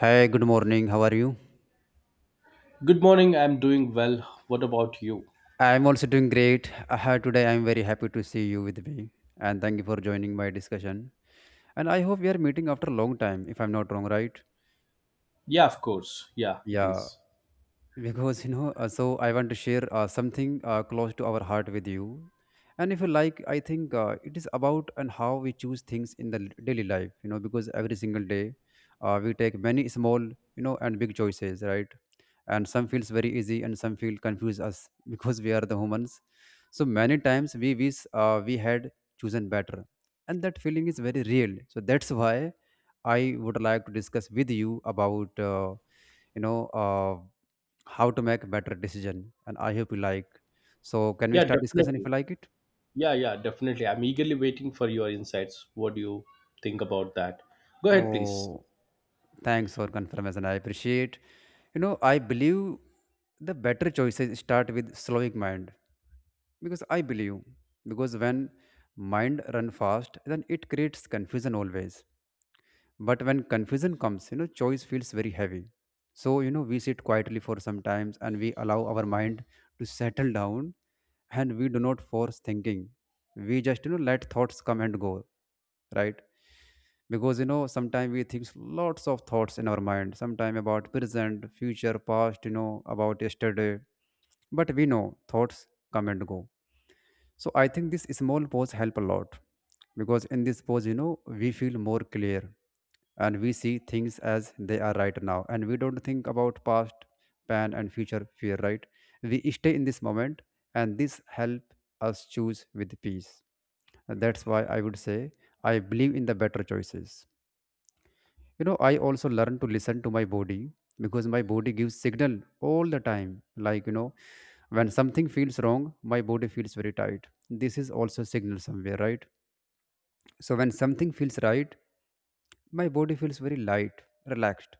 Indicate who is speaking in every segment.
Speaker 1: Hi, good morning. How are you?
Speaker 2: Good morning. I'm doing well. What about you?
Speaker 1: I'm also doing great. Today, I'm very happy to see you with me. And thank you for joining my discussion. And I hope we are meeting after a long time, if I'm not wrong, right?
Speaker 2: Yeah, of course. Yeah, it
Speaker 1: Yeah,
Speaker 2: is.
Speaker 1: because, so I want to share something close to our heart with you. And if you like, I think it is about and how we choose things in the daily life, because every single day we take many small, and big choices, right? And some feels very easy and some feel confuse us because we are the humans. So many times we wish we had chosen better, and that feeling is very real. So that's why I would like to discuss with you about you know uh, how to make better decision. And I hope you like. So can we
Speaker 2: Yeah,
Speaker 1: start discussion if
Speaker 2: definitely.
Speaker 1: you like it?
Speaker 2: Yeah, yeah, definitely. I'm eagerly waiting for your insights. What do you think about that? Go ahead, please.
Speaker 1: Oh, thanks for confirmation. I appreciate. You know, I believe the better choices start with slowing mind, because I believe because when mind run fast, then it creates confusion always. But when confusion comes, choice feels very heavy. So we sit quietly for some times and we allow our mind to settle down, and we do not force thinking. We just let thoughts come and go, right? Because sometimes we think lots of thoughts in our mind, sometimes about present, future, past, about yesterday. But we know thoughts come and go. So I think this small pause help a lot, because in this pause, we feel more clear and we see things as they are right now, and we don't think about past pain and future fear, right? We stay in this moment, and this help us choose with peace. And that's why I would say I believe in the better choices. I also learn to listen to my body, because my body gives signal all the time, like, when something feels wrong, my body feels very tight. This is also signal somewhere, right? So when something feels right, my body feels very light, relaxed.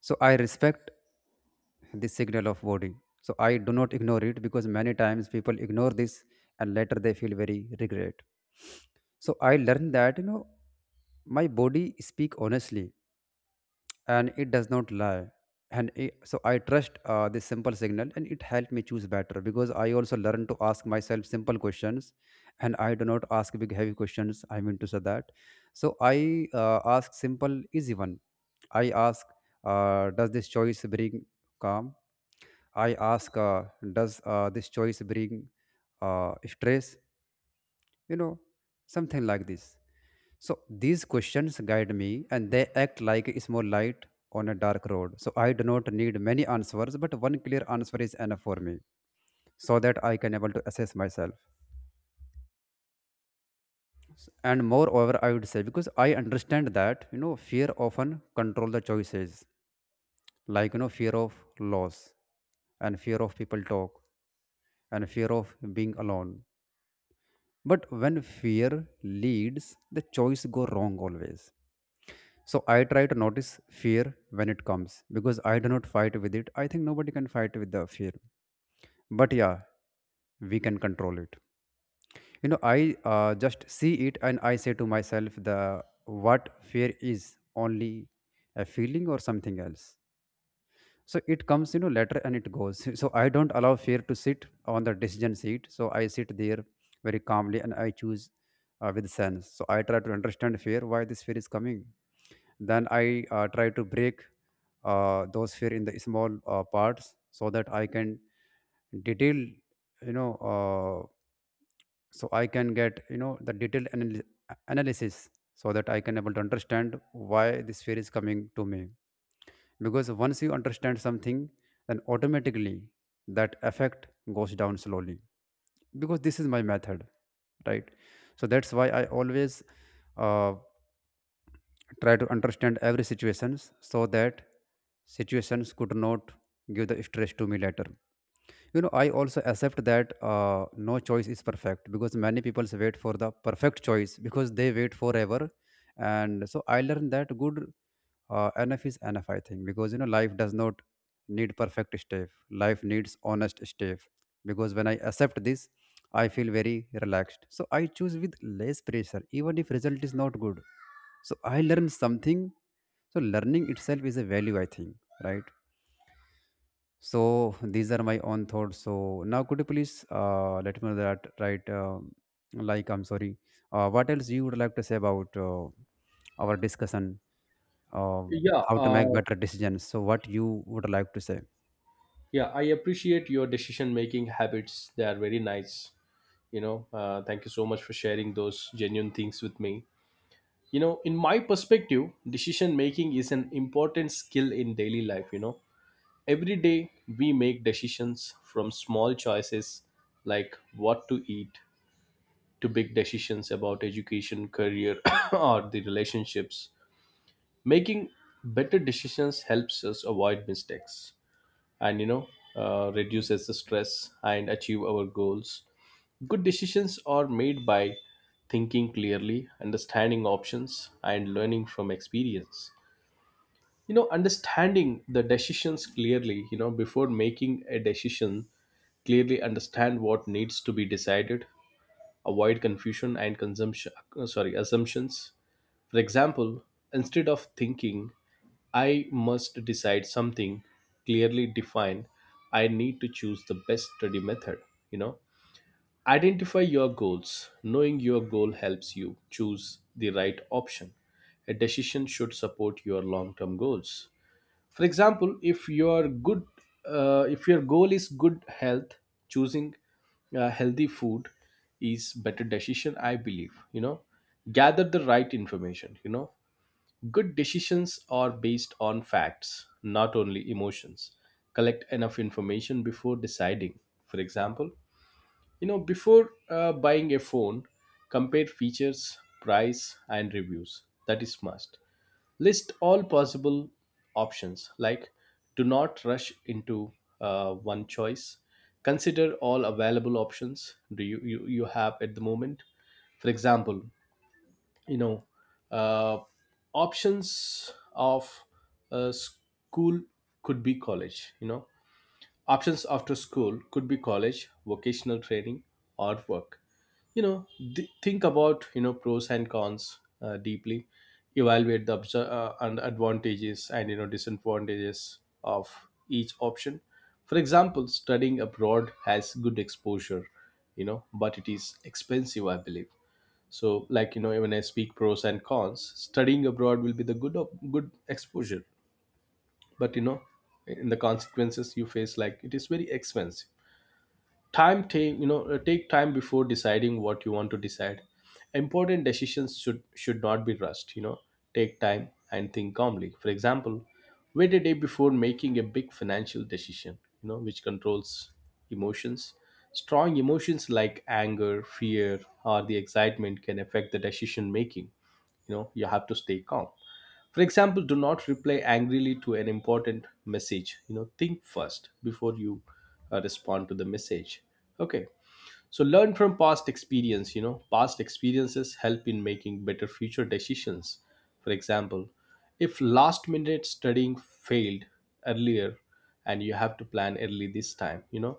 Speaker 1: So I respect the signal of body, so I do not ignore it, because many times people ignore this and later they feel very regret. So I learned that, my body speak honestly and it does not lie. So I trust this simple signal, and it helped me choose better, because I also learned to ask myself simple questions. And I do not ask big heavy questions, I mean to say that. So I ask simple easy one. I ask, does this choice bring calm? I ask, does this choice bring stress? you know Something like this. So these questions guide me and they act like a small light on a dark road. So I do not need many answers, but one clear answer is enough for me, so that I can able to assess myself. And moreover, I would say, because I understand that, fear often control the choices, like, fear of loss and fear of people talk and fear of being alone. But when fear leads, the choice go wrong always. So I try to notice fear when it comes, because I do not fight with it. I think nobody can fight with the fear. But yeah, we can control it. You know, I just see it and I say to myself the what fear is only a feeling or something else. So it comes, later, and it goes. So I don't allow fear to sit on the decision seat. So I sit there very calmly and I choose with sense. So I try to understand fear, why this fear is coming. Then I try to break those fear in the small parts, so that I can detail, so I can get, the detailed analysis, so that I can able to understand why this fear is coming to me. Because once you understand something, then automatically that effect goes down slowly, because this is my method, right? So that's why I always uh, try to understand every situations, so that situations could not give the stress to me later. I also accept that no choice is perfect, because many people wait for the perfect choice, because they wait forever. And so I learned that good enough is enough, I think, because, life does not need perfect step. Life needs honest step. Because when I accept this, I feel very relaxed, so I choose with less pressure. Even if result is not good, so I learned something. So learning itself is a value, I think, right? So these are my own thoughts. So now could you please let me know that, right? Like, I'm sorry. What else you would like to say about our discussion? Um,
Speaker 2: Yeah,
Speaker 1: how to make
Speaker 2: uh,
Speaker 1: better decisions. So what you would like to say?
Speaker 2: yeah, I appreciate your decision making habits. They are very nice. You know, thank you so much for sharing those genuine things with me. You know, in my perspective, decision making is an important skill in daily life. You know, every day, we make decisions from small choices like what to eat to big decisions about education, career, or the relationships. Making better decisions helps us avoid mistakes, and you know, reduces the stress and achieve our goals. Good decisions are made by thinking clearly, understanding options, and learning from experience. You know, understanding the decisions clearly, you know, before making a decision, clearly understand what needs to be decided. Avoid confusion and consumption, sorry, assumptions. For example, instead of thinking I must decide something, clearly defined, I need to choose the best study method. You know, identify your goals. Knowing your goal helps you choose the right option. A decision should support your long term goals. For example, if your goal is good health, choosing healthy food is better decision, I believe. You know, gather the right information. You know, good decisions are based on facts, not only emotions. Collect enough information before deciding. For example, you know, before buying a phone, compare features, price, and reviews. That is must. List all possible options. Like, do not rush into one choice. Consider all available options do you, you you have at the moment. For example, you know, uh, options of school could be college. You know, options after school could be college, vocational training, or work. You know, think about, you know, pros and cons, deeply, evaluate the obs- and advantages and, you know, disadvantages of each option. For example, studying abroad has good exposure, you know, but it is expensive, I believe. So, like, you know, when I speak pros and cons, studying abroad will be the good exposure, but, you know, in the consequences you face, like, it is very expensive. Time take, you know, take time before deciding what you want to decide. Important decisions should not be rushed. You know, take time and think calmly. For example, wait a day before making a big financial decision, you know, which controls emotions. Strong emotions like anger, fear, or the excitement can affect the decision making. You know, you have to stay calm. For example, do not reply angrily to an important message. You know, think first before you respond to the message. Okay, so learn from past experience. You know, past experiences help in making better future decisions. For example, if last minute studying failed earlier, and you have to plan early this time. You know,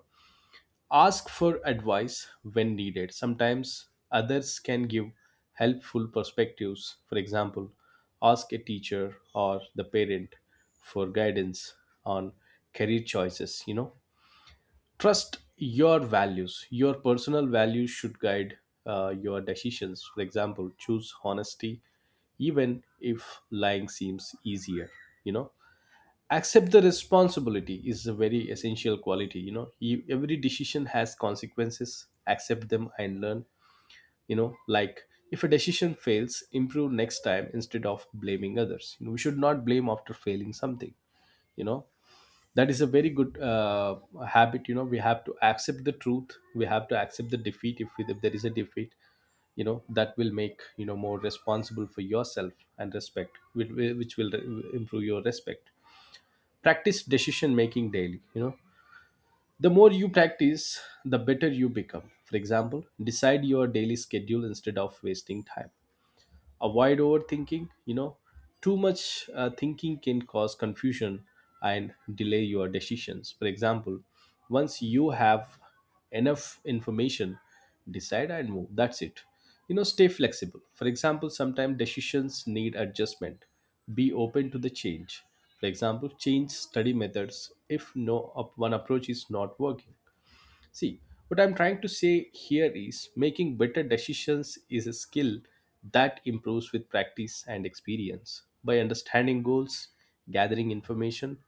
Speaker 2: ask for advice when needed. Sometimes others can give helpful perspectives. For example, ask a teacher or the parent for guidance on career choices. You know, trust your values. Your personal values should guide your decisions. For example, choose honesty even if lying seems easier. You know, accept the responsibility is a very essential quality. You know, you, every decision has consequences. Accept them and learn. You know, like, if a decision fails, improve next time instead of blaming others. You know, we should not blame after failing something. You know, that is a very good habit. You know, we have to accept the truth. We have to accept the defeat if, we, if there is a defeat. You know that will make, you know, more responsible for yourself and respect which will improve your respect. Practice decision making daily. You know, the more you practice, the better you become. For example, decide your daily schedule instead of wasting time. Avoid overthinking. You know, too much thinking can cause confusion and delay your decisions. For example, once you have enough information, decide and move. That's it. You know, stay flexible. For example, sometimes decisions need adjustment. Be open to the change. For example, change study methods if no up one approach is not working. See, what I'm trying to say here is making better decisions is a skill that improves with practice and experience. By understanding goals, gathering information,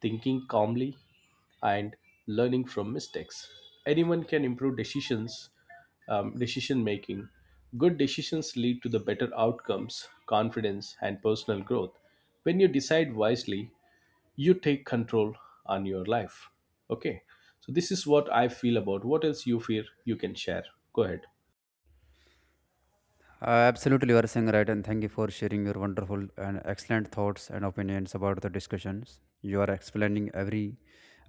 Speaker 2: thinking calmly, and learning from mistakes, anyone can improve decision making. Good decisions lead to the better outcomes, confidence, and personal growth. When you decide wisely, you take control on your life. Okay, so this is what I feel about. What else you feel you can share? Go ahead.
Speaker 1: Absolutely, you are saying right, and thank you for sharing your wonderful and excellent thoughts and opinions about the discussions. You are explaining every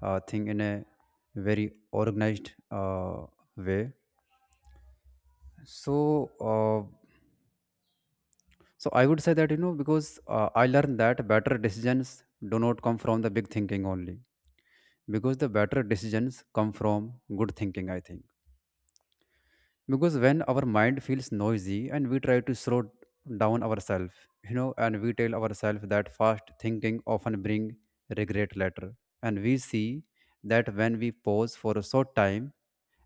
Speaker 1: thing in a very organized way. So, uh, so I would say that, because I learned that better decisions do not come from the big thinking only, because the better decisions come from good thinking, I think. Because when our mind feels noisy and we try to slow down ourselves, and we tell ourselves that fast thinking often bring regret later, and we see that when we pause for a short time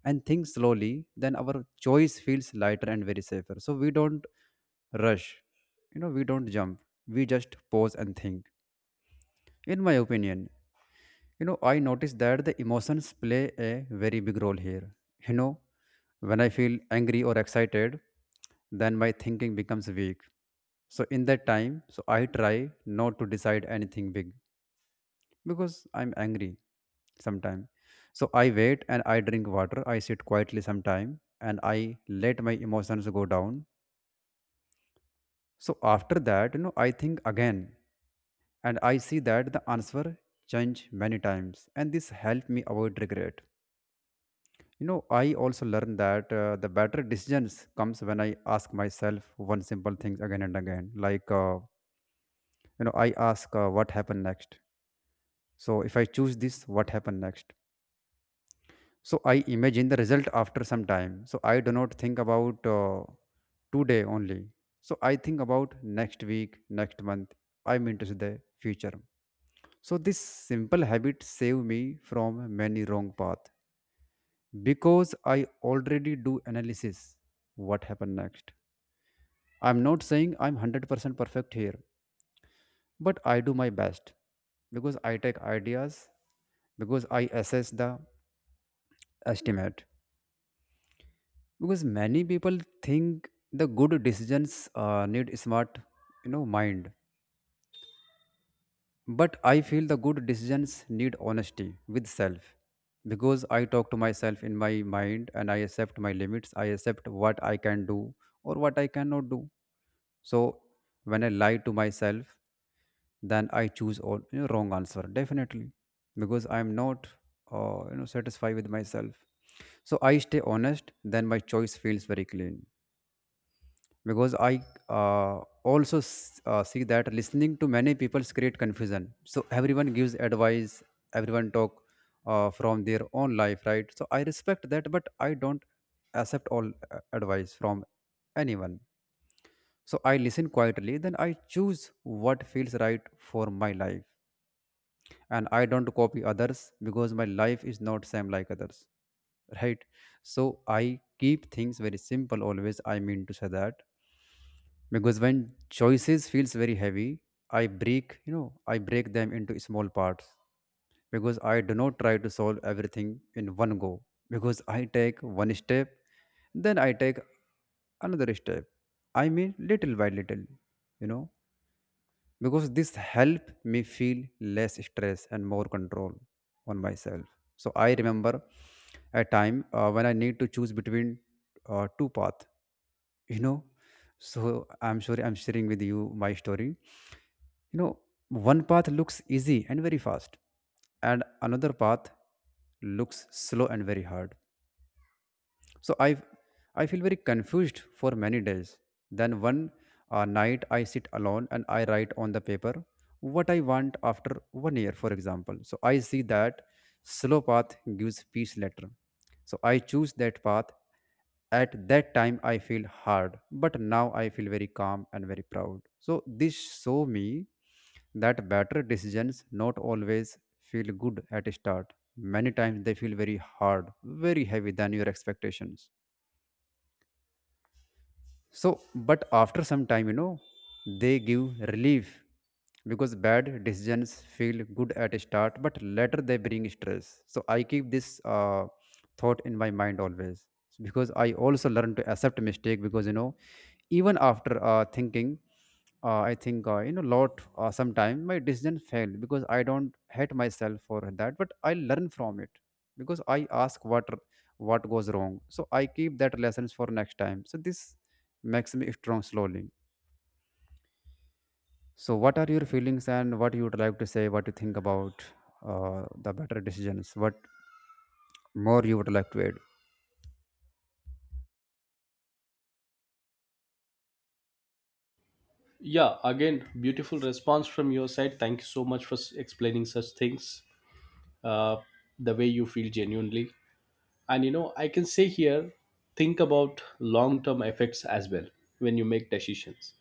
Speaker 1: and think slowly, then our choice feels lighter and very safer. So we don't rush, we don't jump, we just pause and think, in my opinion. I noticed that the emotions play a very big role here. You know, when I feel angry or excited, then my thinking becomes weak. So in that time, so I try not to decide anything big because I'm angry sometime. So I wait and I drink water. I sit quietly sometime and I let my emotions go down. So after that, I think again and I see that the answer change many times, and this helped me avoid regret. I also learned that, the better decisions comes when I ask myself one simple thing again and again. Like, I ask, what happened next? So if I choose this, what happened next? So I imagine the result after some time. So I do not think about today only. So I think about next week, next month. I mean to say the future. So this simple habit saved me from many wrong path, because I already do analysis, what happened next. I'm not saying I'm 100% perfect here, but I do my best because I take ideas, because I assess the estimate. Because many people think the good decisions need smart, mind, but I feel the good decisions need honesty with self. Because I talk to myself in my mind and I accept my limits, I accept what I can do or what I cannot do. So when I lie to myself, then I choose all, wrong answer definitely, because I am not satisfied with myself. So I stay honest. Then my choice feels very clean, because I also see that listening to many people create confusion. So everyone gives advice. Everyone talk from their own life, right? So I respect that, but I don't accept all advice from anyone. So I listen quietly. Then I choose what feels right for my life, and I don't copy others because my life is not same like others, right? So I keep things very simple always, I mean to say that. Because when choices feels very heavy, I break you know I break them into small parts, because I do not try to solve everything in one go. Because I take one step, then I take another step, I mean, little by little, you know because this help me feel less stress and more control on myself. So I remember a time when I need to choose between two paths. you know so I'm sure I'm sharing with you my story. you know One path looks easy and very fast, and another path looks slow and very hard. So I feel very confused for many days. Then one night I sit alone and I write on the paper what I want after one year, for example. So I see that slow path gives peace later. So I choose that path. At that time I feel hard, but now I feel very calm and very proud. So this show me that better decisions not always feel good at start, many times they feel very hard, very heavy than your expectations. So but after some time they give relief, because bad decisions feel good at start but later they bring stress. So I keep this thought in my mind always, because I also learn to accept mistake. Because even after thinking, I think, lot, sometime my decision failed, because I don't hate myself for that but I learn from it. Because I ask what goes wrong, so I keep that lessons for next time. So this makes me strong slowly. So what are your feelings, and what you would like to say, what you think about the better decisions, what more you would like to add?
Speaker 2: Yeah, again, beautiful response from your side. Thank you so much for explaining such things, uh, the way you feel genuinely. And, you know, I can say here, think about long term effects as well. When you make decisions,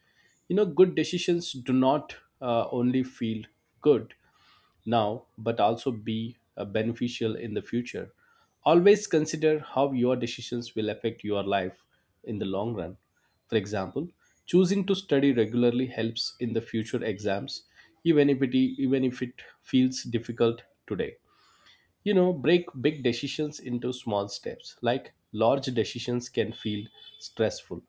Speaker 2: you know, good decisions do not only feel good now, but also be beneficial in the future. Always consider how your decisions will affect your life in the long run. For example, choosing to study regularly helps in the future exams, even if it feels difficult today. You know, break big decisions into small steps. Like, large decisions can feel stressful.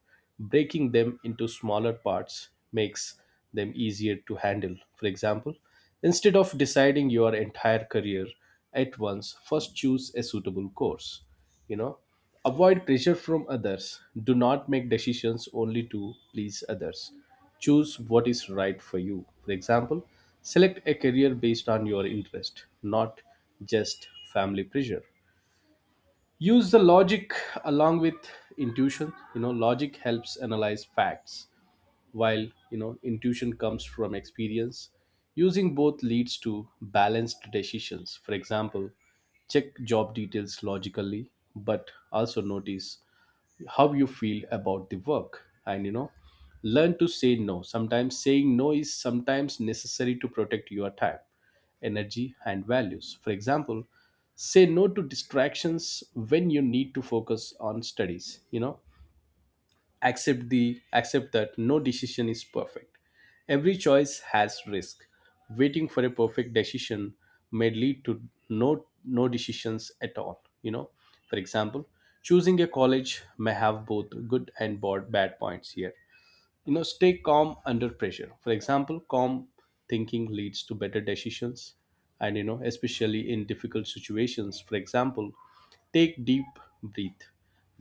Speaker 2: Breaking them into smaller parts makes them easier to handle. For example, instead of deciding your entire career at once, first choose a suitable course. You know, avoid pressure from others. Do not make decisions only to please others. Choose what is right for you. For example, select a career based on your interest, not just family pressure. Use the logic along with intuition. You know, logic helps analyze facts, while, you know, intuition comes from experience. Using both leads to balanced decisions. For example, check job details logically, but also notice how you feel about the work. And, you know, learn to say no. Sometimes saying no is sometimes necessary to protect your time, energy, and values. For example, say no to distractions when you need to focus on studies. You know, accept that no decision is perfect. Every choice has risk. Waiting for a perfect decision may lead to no decisions at all. You know, for example, choosing a college may have both good and bad points here. You know, stay calm under pressure. For example, calm thinking leads to better decisions and, you know, especially in difficult situations. For example, take deep breath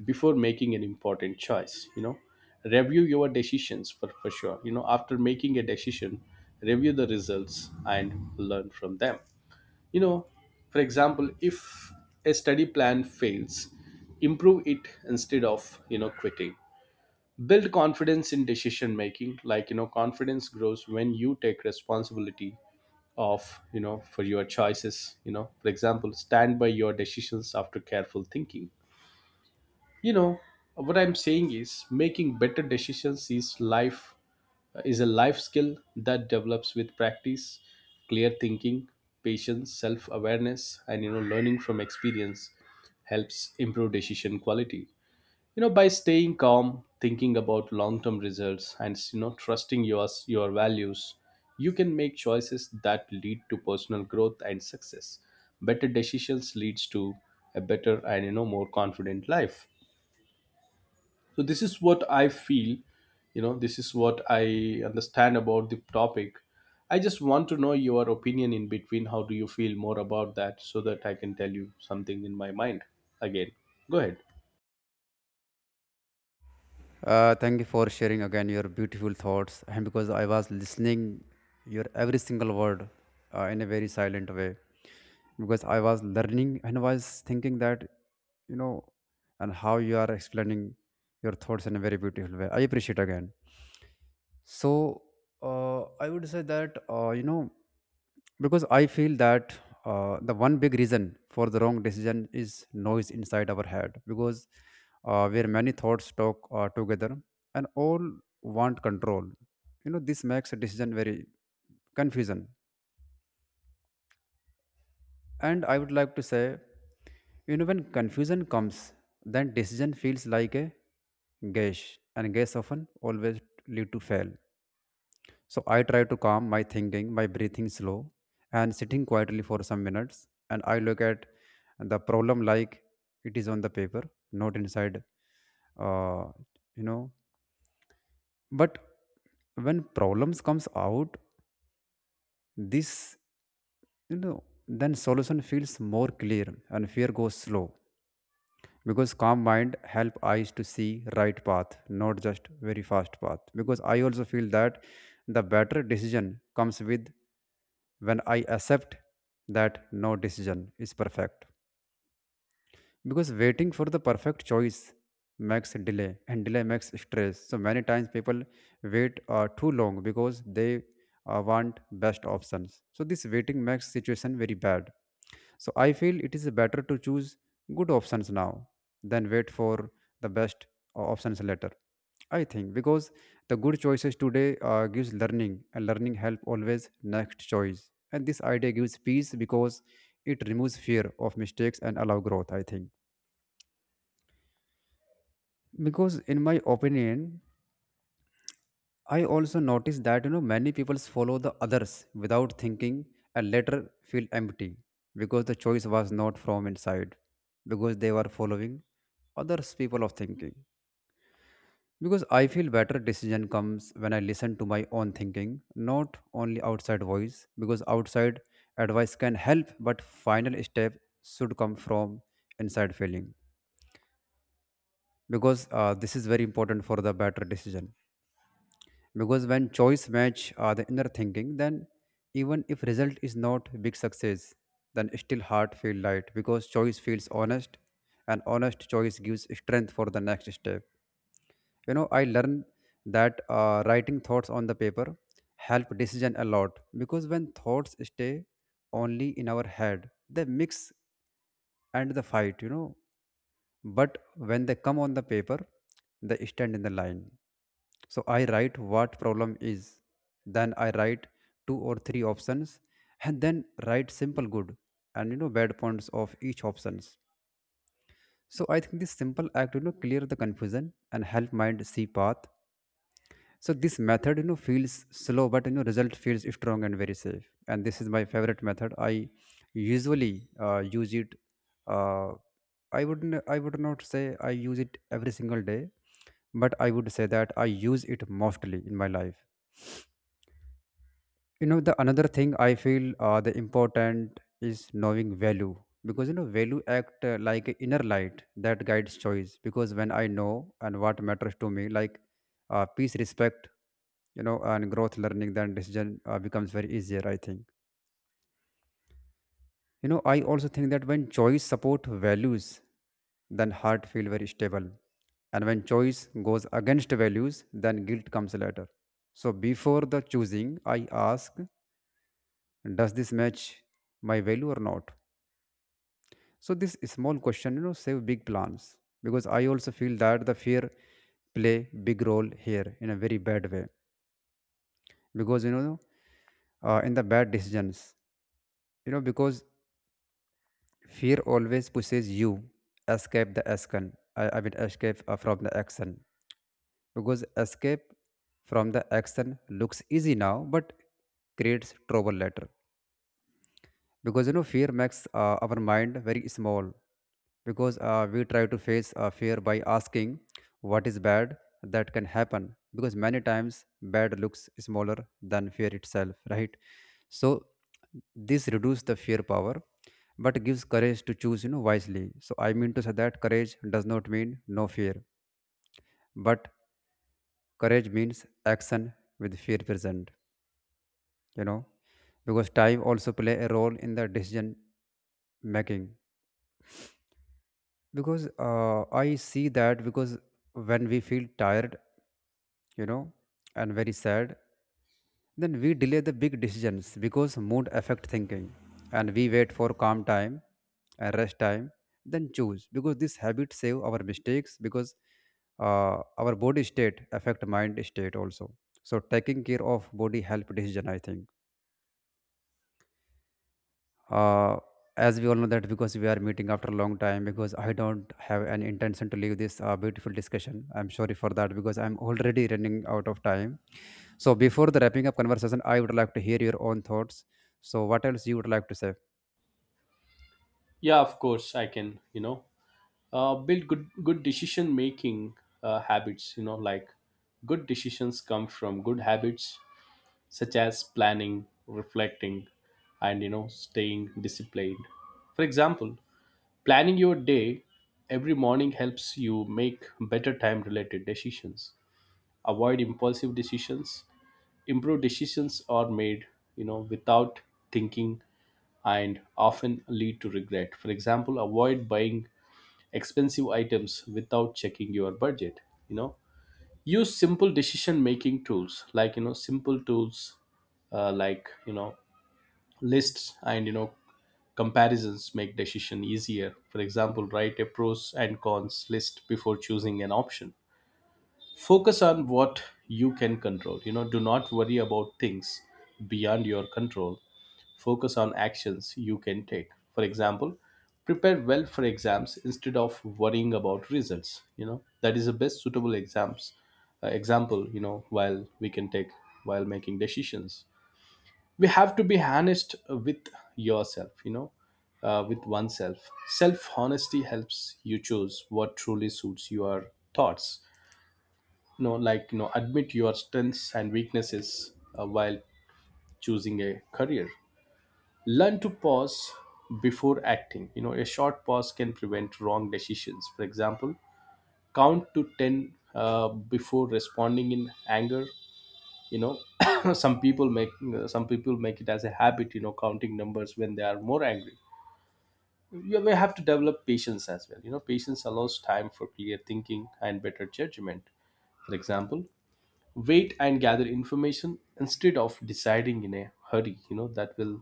Speaker 2: before making an important choice. You know, review your decisions for sure. You know, after making a decision, review the results and learn from them. You know, for example, if a study plan fails, improve it instead of, you know, quitting. Build confidence in decision making. Like, you know, confidence grows when you take responsibility of, you know, for your choices. You know, for example, stand by your decisions after careful thinking. You know, what I'm saying is making better decisions is a life skill that develops with practice. Clear thinking, patience, self awareness, and, you know, learning from experience helps improve decision quality. You know, by staying calm, thinking about long term results, and, you know, trusting your values, you can make choices that lead to personal growth and success. Better decisions leads to a better and, you know, more confident life. So this is what I feel. You know, this is what I understand about the topic. I just want to know your opinion in between. How do you feel more about that, so that I can tell you something in my mind again? Go ahead.
Speaker 1: Thank you for sharing again your beautiful thoughts, and because I was listening your every single word in a very silent way, because I was learning and was thinking that you know, and how you are explaining your thoughts in a very beautiful way. I appreciate again. So I would say that because I feel that the one big reason for the wrong decision is noise inside our head. Because where many thoughts talk together and all want control, this makes a decision very confusion. And I would like to say, when confusion comes, then decision feels like a guess, and guess often, always, lead to fail. So I try to calm my thinking by breathing slow and sitting quietly for some minutes. And I look at the problem like it is on the paper, not inside, uh, you know. But when problems comes out, this, then solution feels more clear and fear goes slow, because calm mind help eyes to see right path, not just very fast path. Because I also feel that the better decision comes with when I accept that no decision is perfect, because waiting for the perfect choice makes delay and delay makes stress. So many times people wait too long, because they want best options, so this waiting makes situation very bad. So I feel it is better to choose good options now than wait for the best options later. I think, because the good choices today gives learning, and learning help always next choice. And this idea gives peace because it removes fear of mistakes and allow growth. I think, because in my opinion, I also notice that many people follow the others without thinking and later feel empty, because the choice was not from inside, because they were following others people of thinking. Because I feel better decision comes when I listen to my own thinking, not only outside voice, because outside advice can help but final step should come from inside feeling, because this is very important for the better decision. Because when choice match the inner thinking, then even if result is not big success, then still heart feel light because choice feels honest, and honest choice gives strength for the next step. I learned that writing thoughts on the paper help decision a lot, because when thoughts stay only in our head they mix and the fight but when they come on the paper, they stand in the line. So I write what problem is, then I write two or three options, and then write simple good and bad points of each options. So I think this simple act clear the confusion and help mind see path. So this method, feels slow, but, result feels strong and very safe. And this is my favorite method. I usually use it. Uh, I wouldn't. I would not say I use it every single day, but I would say that I use it mostly in my life. The another thing I feel the important is knowing value, because value act like a inner light that guides choice. Because when I know and what matters to me, like peace, respect, and growth, learning, then decision becomes very easier, I think. I also think that when choice support values, then heart feel very stable, and when choice goes against values, then guilt comes later. So before the choosing, I ask, does this match my value or not? So this small question, save big plans. Because I also feel that the fear play big role here in a very bad way. Because in the bad decisions, because fear always pushes you escape the action. I mean escape from the action, because escape from the action looks easy now but creates trouble later. Because fear makes our mind very small, because we try to face fear by asking what is bad that can happen, because many times bad looks smaller than fear itself, right? So this reduces the fear power but gives courage to choose wisely. So I mean to say that courage does not mean no fear, but courage means action with fear present you know because time also play a role in the decision making, because I see that, because when we feel tired, you know and very sad, then we delay the big decisions because mood affect thinking, and we wait for calm time and rest time then choose, because this habit save our mistakes, because our body state affect mind state also. So taking care of body help decision, I think. uh, as we all know that, because we are meeting after a long time, because I don't have an intention to leave this beautiful discussion. I'm sorry for that, because I'm already running out of time. So before the wrapping up conversation, I would like to hear your own thoughts. So what else you would like to say?
Speaker 2: Yeah, of course. I can, you know, build good decision making habits. You know, like, good decisions come from good habits such as planning, reflecting, and, you know, staying disciplined. For example, planning your day every morning helps you make better time related decisions. Avoid impulsive decisions. Improved decisions are made, you know, without thinking, and often lead to regret. For example, avoid buying expensive items without checking your budget. You know, use simple decision making tools. Like, you know, simple tools, like, you know, lists and, you know, comparisons make decision easier. For example, write a pros and cons list before choosing an option. Focus on what you can control. You know, do not worry about things beyond your control. Focus on actions you can take. For example, prepare well for exams instead of worrying about results. You know, that is the best suitable exams example. You know, while we can take, while making decisions, we have to be honest with yourself. You know, with oneself, self honesty helps you choose what truly suits your thoughts. No, like, you know, admit your strengths and weaknesses while choosing a career. Learn to pause before acting. You know, a short pause can prevent wrong decisions. For example, count to 10 before responding in anger. You know, some people make some people make it as a habit. You know, counting numbers when they are more angry. You may have to develop patience as well. You know, patience allows time for clear thinking and better judgment. For example, wait and gather information instead of deciding in a hurry. You know, that will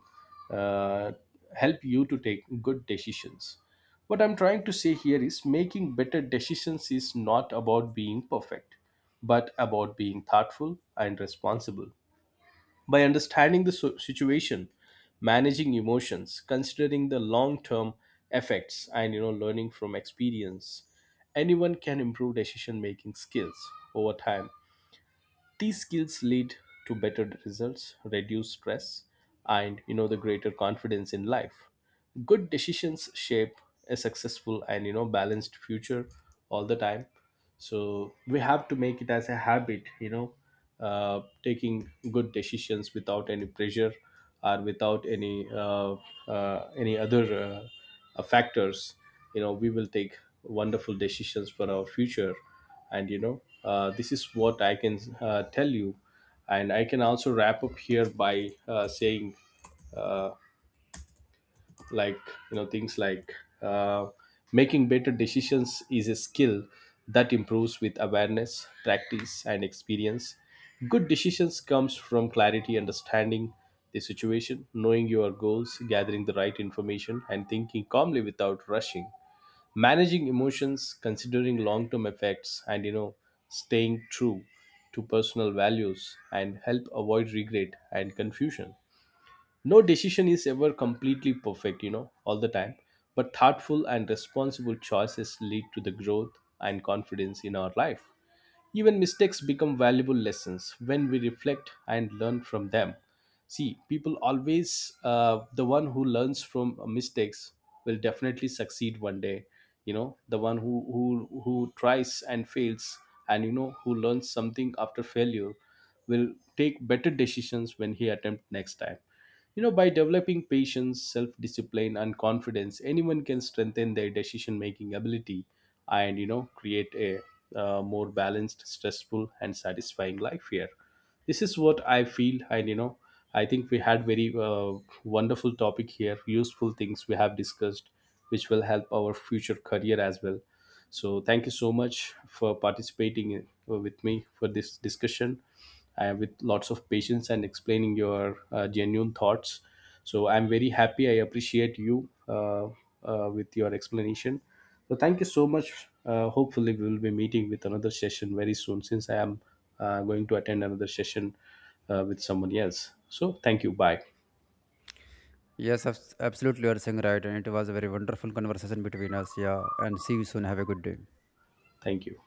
Speaker 2: uh, help you to take good decisions. What I'm trying to say here is making better decisions is not about being perfect, but about being thoughtful and responsible. By understanding the situation, managing emotions, considering the long term effects, and, you know, learning from experience, anyone can improve decision making skills over time. These skills lead to better results, reduce stress, and, you know, the greater confidence in life. Good decisions shape a successful and, you know, balanced future all the time. So we have to make it as a habit, you know, taking good decisions without any pressure or without any any other factors. You know, we will take wonderful decisions for our future. And, you know, this is what I can tell you. And I can also wrap up here by saying, uh, like, you know, things like, uh, making better decisions is a skill that improves with awareness, practice, and experience. Good decisions comes from clarity, understanding the situation, knowing your goals, gathering the right information, and thinking calmly without rushing. Managing emotions, considering long term effects, and, you know, staying true to personal values and help avoid regret and confusion. No decision is ever completely perfect, you know, all the time, but thoughtful and responsible choices lead to the growth and confidence in our life. Even mistakes become valuable lessons when we reflect and learn from them. See, people always, the one who learns from mistakes will definitely succeed one day. You know, the one who tries and fails and, you know, who learns something after failure will take better decisions when he attempt next time. You know, by developing patience, self discipline, and confidence, anyone can strengthen their decision making ability and, you know, create a more balanced, stressful, and satisfying life here. This is what I feel. And, you know, I think we had very wonderful topic here, useful things we have discussed, which will help our future career as well. So thank you so much for participating with me for this discussion with lots of patience and explaining your genuine thoughts. So I'm very happy. I appreciate you with your explanation. So thank you so much. Hopefully we will be meeting with another session very soon since I am going to attend another session with someone else. So thank you. Bye.
Speaker 1: Yes, absolutely, you are saying right, and it was a very wonderful conversation between us, yeah, and see you soon. Have a good day.
Speaker 2: Thank you.